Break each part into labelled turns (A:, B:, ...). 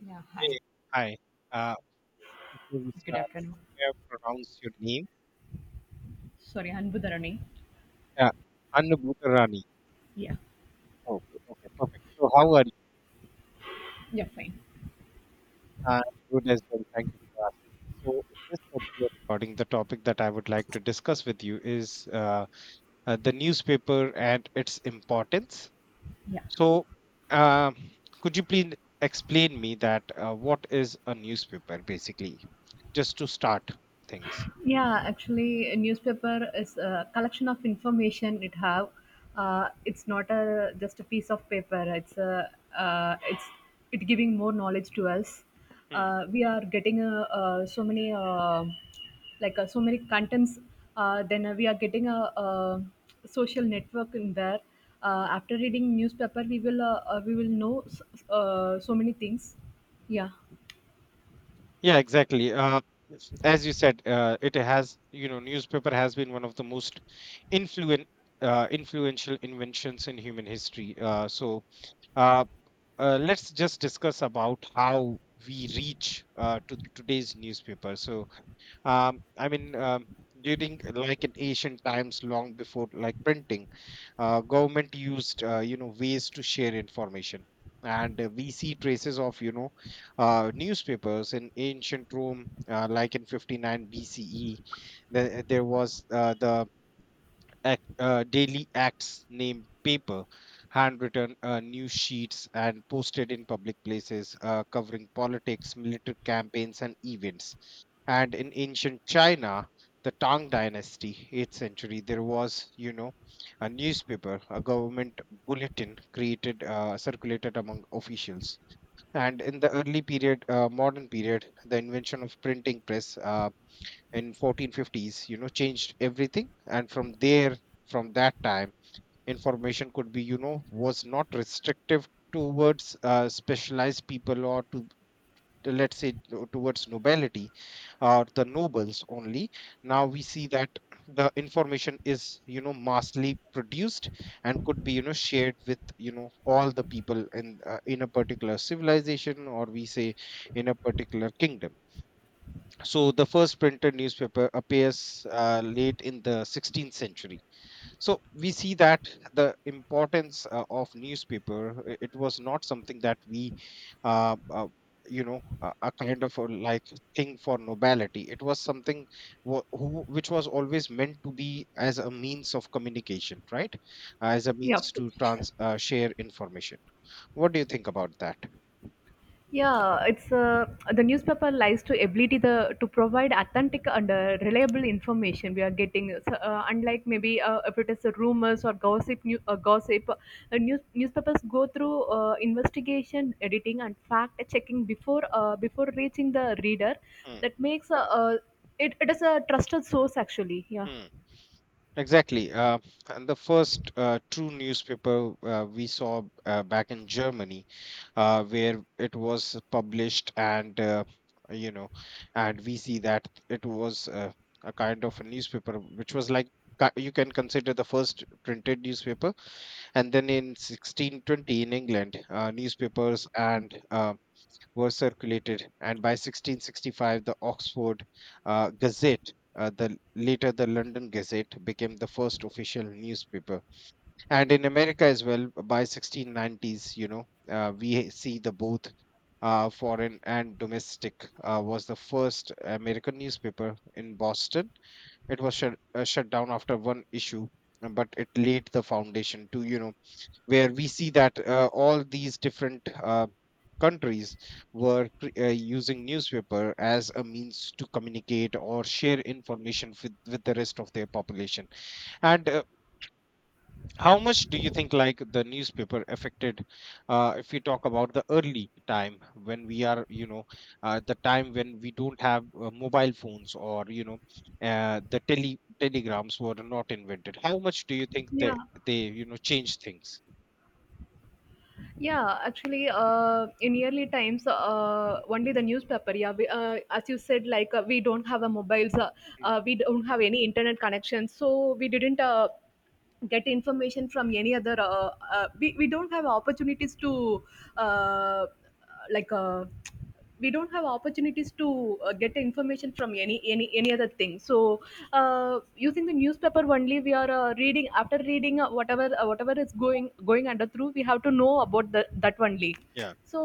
A: Yeah, hi.
B: Hey, hi. Uh, Before we
A: Good
B: start,
A: afternoon.
B: may I pronounce your name?
A: Sorry, Anbu Dharani.
B: Uh, Anubhutarani.
A: Yeah.
B: Okay, okay, perfect. So, how are you?
A: Yeah, fine.
B: I Good as well. Thank you for asking. So, in this particular recording, the topic that I would like to discuss with you is the newspaper and its importance.
A: Yeah.
B: So, uh, could you please explain me that what is a newspaper basically, just to start things?
A: Yeah, actually, a newspaper is a collection of information it have. It's not a just a piece of paper. It's it giving more knowledge to us. We are getting so many like so many contents. Then We are getting a, social network in there. After reading newspaper, we will know so many things. Yeah,
B: Yeah, exactly. As you said, it has newspaper has been one of the most influent influential inventions in human history. So uh, let's just discuss about how we reach to today's newspaper. So I mean, during like in ancient times, long before like printing, government used ways to share information, and we see traces of newspapers in ancient Rome, like in 59 BCE. There was daily acts name paper, handwritten news sheets, and posted in public places, covering politics, military campaigns, and events. And in ancient China, the Tang Dynasty, 8th century, there was a newspaper, a government bulletin created, circulated among officials. And in the early period modern period, the invention of printing press, in 1450s, changed everything. And from there, from that time information could be you know was not restrictive towards specialized people, or to, let's say, towards nobility, or the nobles only. Now we see that the information is massively produced, and could be shared with all the people in a particular civilization, or we say, in a particular kingdom. So the first printed newspaper appears late in the 16th century. So we see that the importance of newspaper, it was not something that we, uh, uh, you know, a kind of a, like, thing for nobility. It was something which was always meant to be as a means of communication, right? As a
A: yeah, of
B: means to
A: course.
B: trans share information. What do you think about that?
A: Yeah, it's the newspaper lies to ability the to provide authentic and reliable information we are getting. So, unlike maybe if it is a rumors or gossip, gossip, news, newspapers go through investigation, editing, and fact checking before reaching the reader. That makes it is a trusted source actually. Yeah.
B: Mm, Exactly. And the first true newspaper we saw back in Germany, where it was published, you know, and we see that it was a kind of a newspaper which was like, you can consider the first printed newspaper. And then in 1620 in England, newspapers
A: Okay.
B: and were circulated, and by 1665, the Oxford Gazette, the later the London Gazette, became the first official newspaper. And in America as well, by 1690s, we see the both foreign and domestic was the first American newspaper in Boston. It was shut down after one issue, but it laid the foundation to where we see that all these different countries were using newspaper as a means to communicate or share information with the rest of their population. And how much do you think like the newspaper affected, if we talk about the early time, when we are you know the time when we don't have mobile phones, or the telegrams were not invented. How much do you think
A: Yeah.
B: they change things?
A: Yeah, actually, in early times, only the newspaper. Yeah, we, as you said, like we don't have a mobiles,
B: Mm,
A: we don't have any internet connection, so we didn't. Get information from any other we don't have opportunities to uh, like we don't have opportunities to get information from any any other thing. So using the newspaper only we are reading after reading whatever whatever is going under through we have to know about the, that only.
B: yeah,
A: So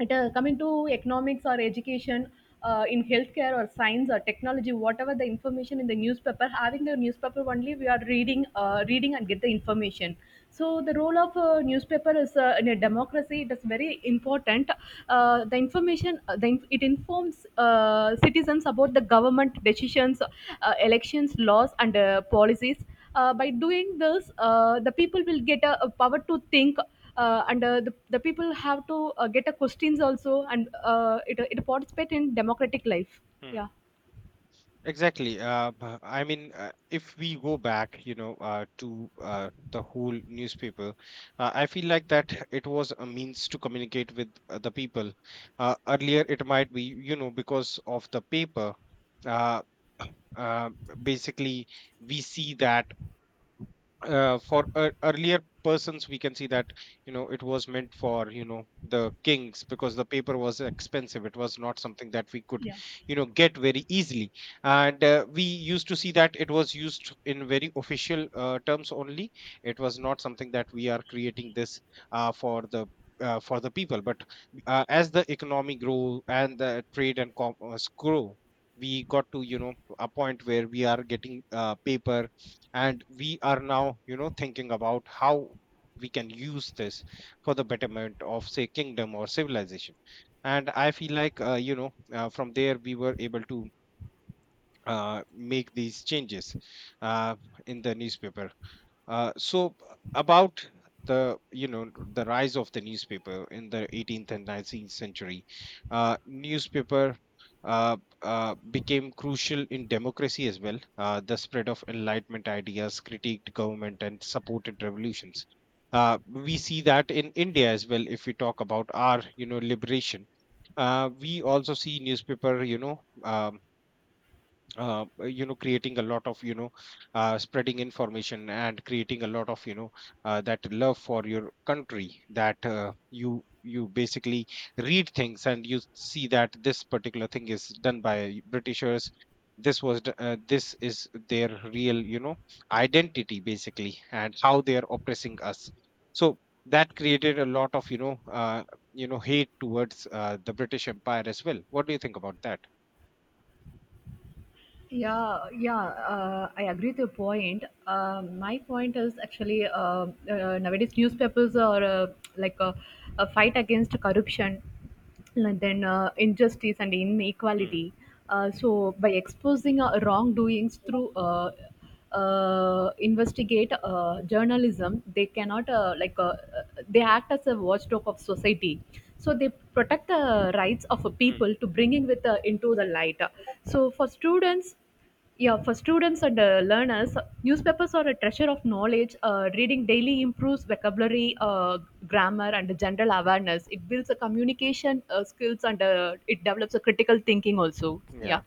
A: it, coming to economics or education in healthcare or science or technology, whatever the information in the newspaper having, the newspaper only we are reading reading and get the information. So the role of a newspaper is in a democracy. It is very important. The information, it informs citizens about the government decisions, elections, laws, and policies. By doing this, the people will get a power to think. And the people have to get a questions also, and it, it participate in democratic life. Yeah.
B: exactly. I mean, if we go back, you know, to the whole newspaper, I feel like that it was a means to communicate with the people. Earlier, it might be, because of the paper. Uh, uh, basically, we see that for earlier persons, we can see that it was meant for the kings, because the paper was expensive. It was not something that we could
A: Yeah.
B: get very easily. And we used to see that it was used in very official terms only. It was not something that we are creating this uh, for the for the people, but as the economy grow, and the trade and commerce grow, we got to a point where we are getting paper, and we are now thinking about how we can use this for the betterment of say kingdom or civilization. And I feel like from there we were able to make these changes uh, in the newspaper. So, about the you know the rise of the newspaper in the 18th and 19th century, newspaper uh, became crucial in democracy as well. The spread of Enlightenment ideas critiqued government and supported revolutions. We see that in India as well. If we talk about our liberation, we also see newspaper creating a lot of, spreading information, and creating a lot of, that love for your country, that you basically read things and you see that this particular thing is done by britishers. This is their real, identity, basically, and how they are oppressing us. So that created a lot of, hate towards the British Empire as well. What do you think about that?
A: Yeah, yeah, I agree with your point. My point is actually nowadays newspapers are like a fight against corruption, and then injustice and
B: Mm.
A: inequality. So by exposing wrongdoings through investigate journalism, they cannot like uh, they act as a watchdog of society, so they protect the rights of a
B: Mm.
A: people to bringing with into the light. So for students, yeah, for students and learners, newspapers are a treasure of knowledge. Reading daily improves vocabulary, grammar, and general awareness. It builds a communication skills, and it develops a critical thinking also. Yeah.
B: Yeah.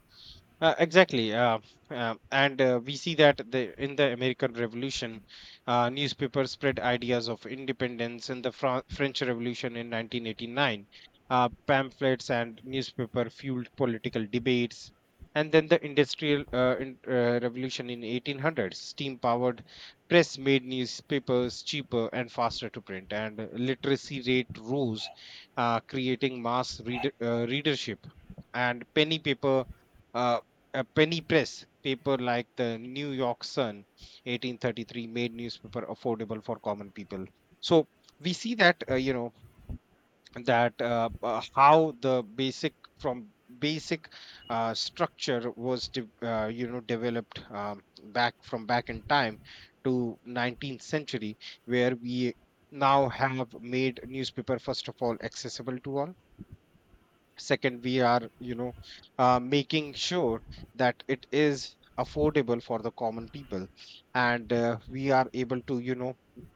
B: Exactly. And we see that, the in the American Revolution, newspapers spread ideas of independence. In the French Revolution in 1989, pamphlets and newspaper fueled political debates. And then the Industrial, Revolution in 1800s, steam-powered press made newspapers cheaper and faster to print, and literacy rate rose, creating mass readership. And penny paper. Uh, a penny press paper like the New York Sun 1833 made newspaper affordable for common people. So we see that you know that how the basic, from basic structure was developed, back, from back in time, to 19th century, where we now have made newspaper, first of all, accessible to all. Second, we are making sure that it is affordable for the common people, and we are able to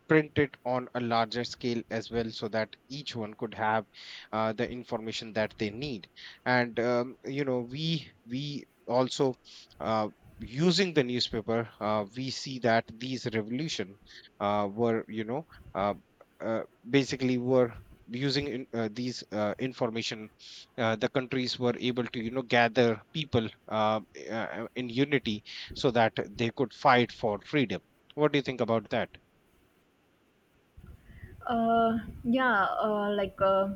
B: print it on a larger scale as well, so that each one could have the information that they need. And we also, uh, using the newspaper, we see that these revolution were, uh, uh, basically were using, these information, the countries were able to gather people in unity, so that they could fight for freedom. What do you think about that?
A: Uh, yeah, like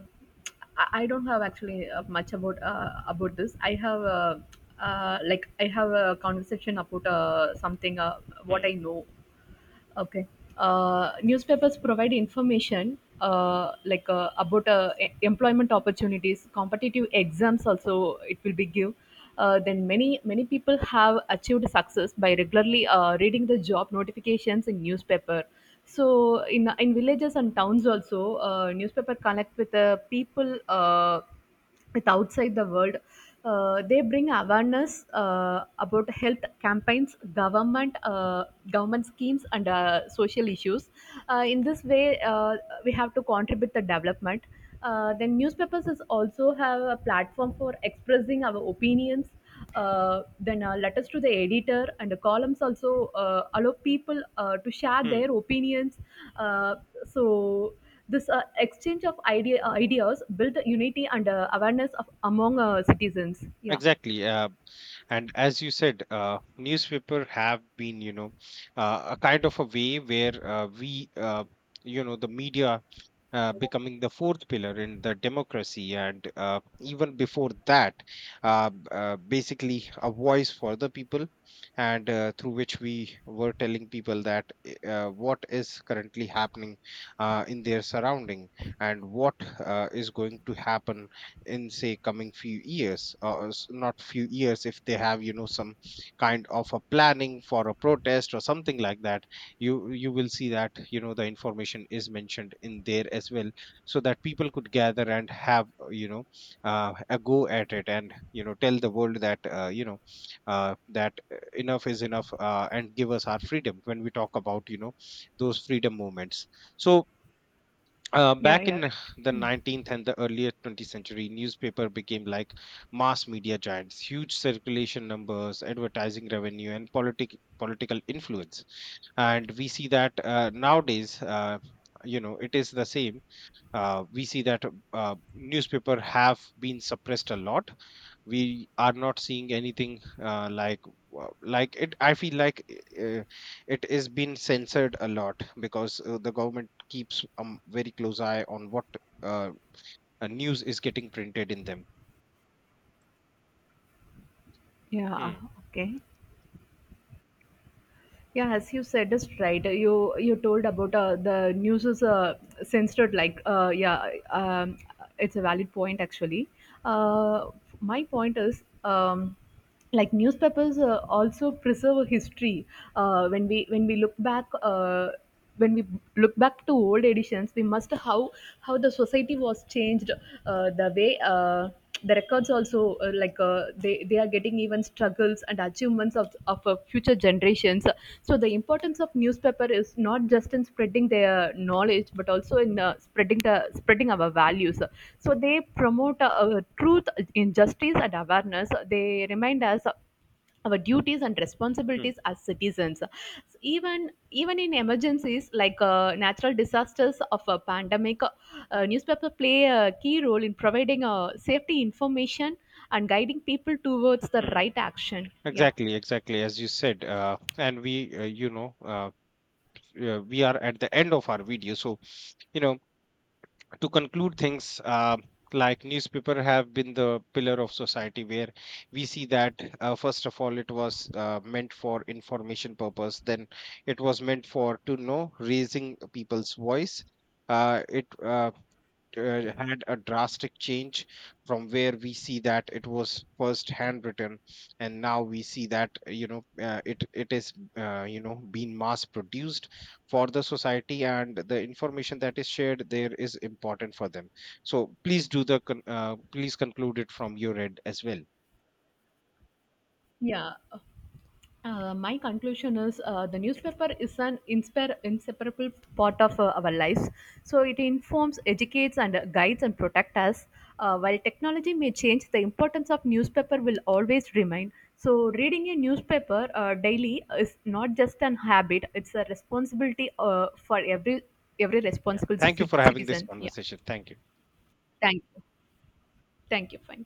A: I don't have actually much about this. I have like I have a conversation about something what
B: Hmm.
A: I know. Okay. Newspapers provide information like about employment opportunities, competitive exams. Also, it will be give. Then many people have achieved success by regularly reading the job notifications in newspaper. So in villages and towns also, newspaper connect with the people, with outside the world. They bring awareness about health campaigns, government schemes, and social issues. In this way, we have to contribute the development. Then newspapers is also have a platform for expressing our opinions, then letters to the editor and the columns also allow people to share
B: Hmm.
A: their opinions. Uh, so this exchange of ideas build unity and awareness of, among citizens. Yeah.
B: Exactly. And as you said, newspaper have been, a kind of a way where we you know the media becoming the fourth pillar in the democracy. And even before that, basically a voice for the people, and through which we were telling people that what is currently happening in their surrounding, and what is going to happen in, say, coming few years, or not few years, if they have, you know, some kind of a planning for a protest or something like that. You will see that the information is mentioned in there as well, so that people could gather and have a go at it, and tell the world that enough is enough, and give us our freedom, when we talk about those freedom movements. So
A: Yeah,
B: back
A: yeah,
B: in
A: right.
B: the 19th and the earlier 20th century, newspaper became like mass media giants, huge circulation numbers, advertising revenue, and political influence. And we see that nowadays, it is the same. We see that newspaper have been suppressed a lot. We are not seeing anything, like, it I feel like uh, it is been censored a lot, because the government keeps a, very close eye on what uh, news is getting printed in them.
A: Yeah.
B: Hmm.
A: Okay. Yeah, as you said, is right. You told about the news is censored. Like, yeah, it's a valid point actually. Uh, my point is, like newspapers also preserve history. When we look back. When we look back to old editions, we must how the society was changed, uh, the way uh, the records also like they are getting even struggles and achievements of future generations. So the importance of newspaper is not just in spreading their knowledge, but also in spreading our values. So they promote truth, injustice, and awareness. They remind us our duties and
B: Hmm.
A: responsibilities as citizens. Even in emergencies like natural disasters of a pandemic, newspaper play a key role in providing safety information and guiding people towards the
B: Hmm.
A: right action. Yeah.
B: Exactly, exactly, as you said, and we you know we are at the end of our video, so you know to conclude things. Like, newspaper have been the pillar of society, where we see that first of all, it was meant for information purpose. Then it was meant for to know raising people's voice. It had a drastic change, from where we see that it was first handwritten, and now we see that it is being mass produced for the society, and the information that is shared there is important for them. So please please conclude it from your end as well.
A: Yeah. My conclusion is the newspaper is an inseparable part of our lives. So it informs, educates, and guides and protects us. While technology may change, the importance of newspaper will always remain. So reading a newspaper daily is not just an habit; it's a responsibility for every
B: Yeah,
A: responsible
B: thank you for having this
A: citizen. Yeah.
B: conversation. Thank you.
A: Thank you. Thank you. Fine.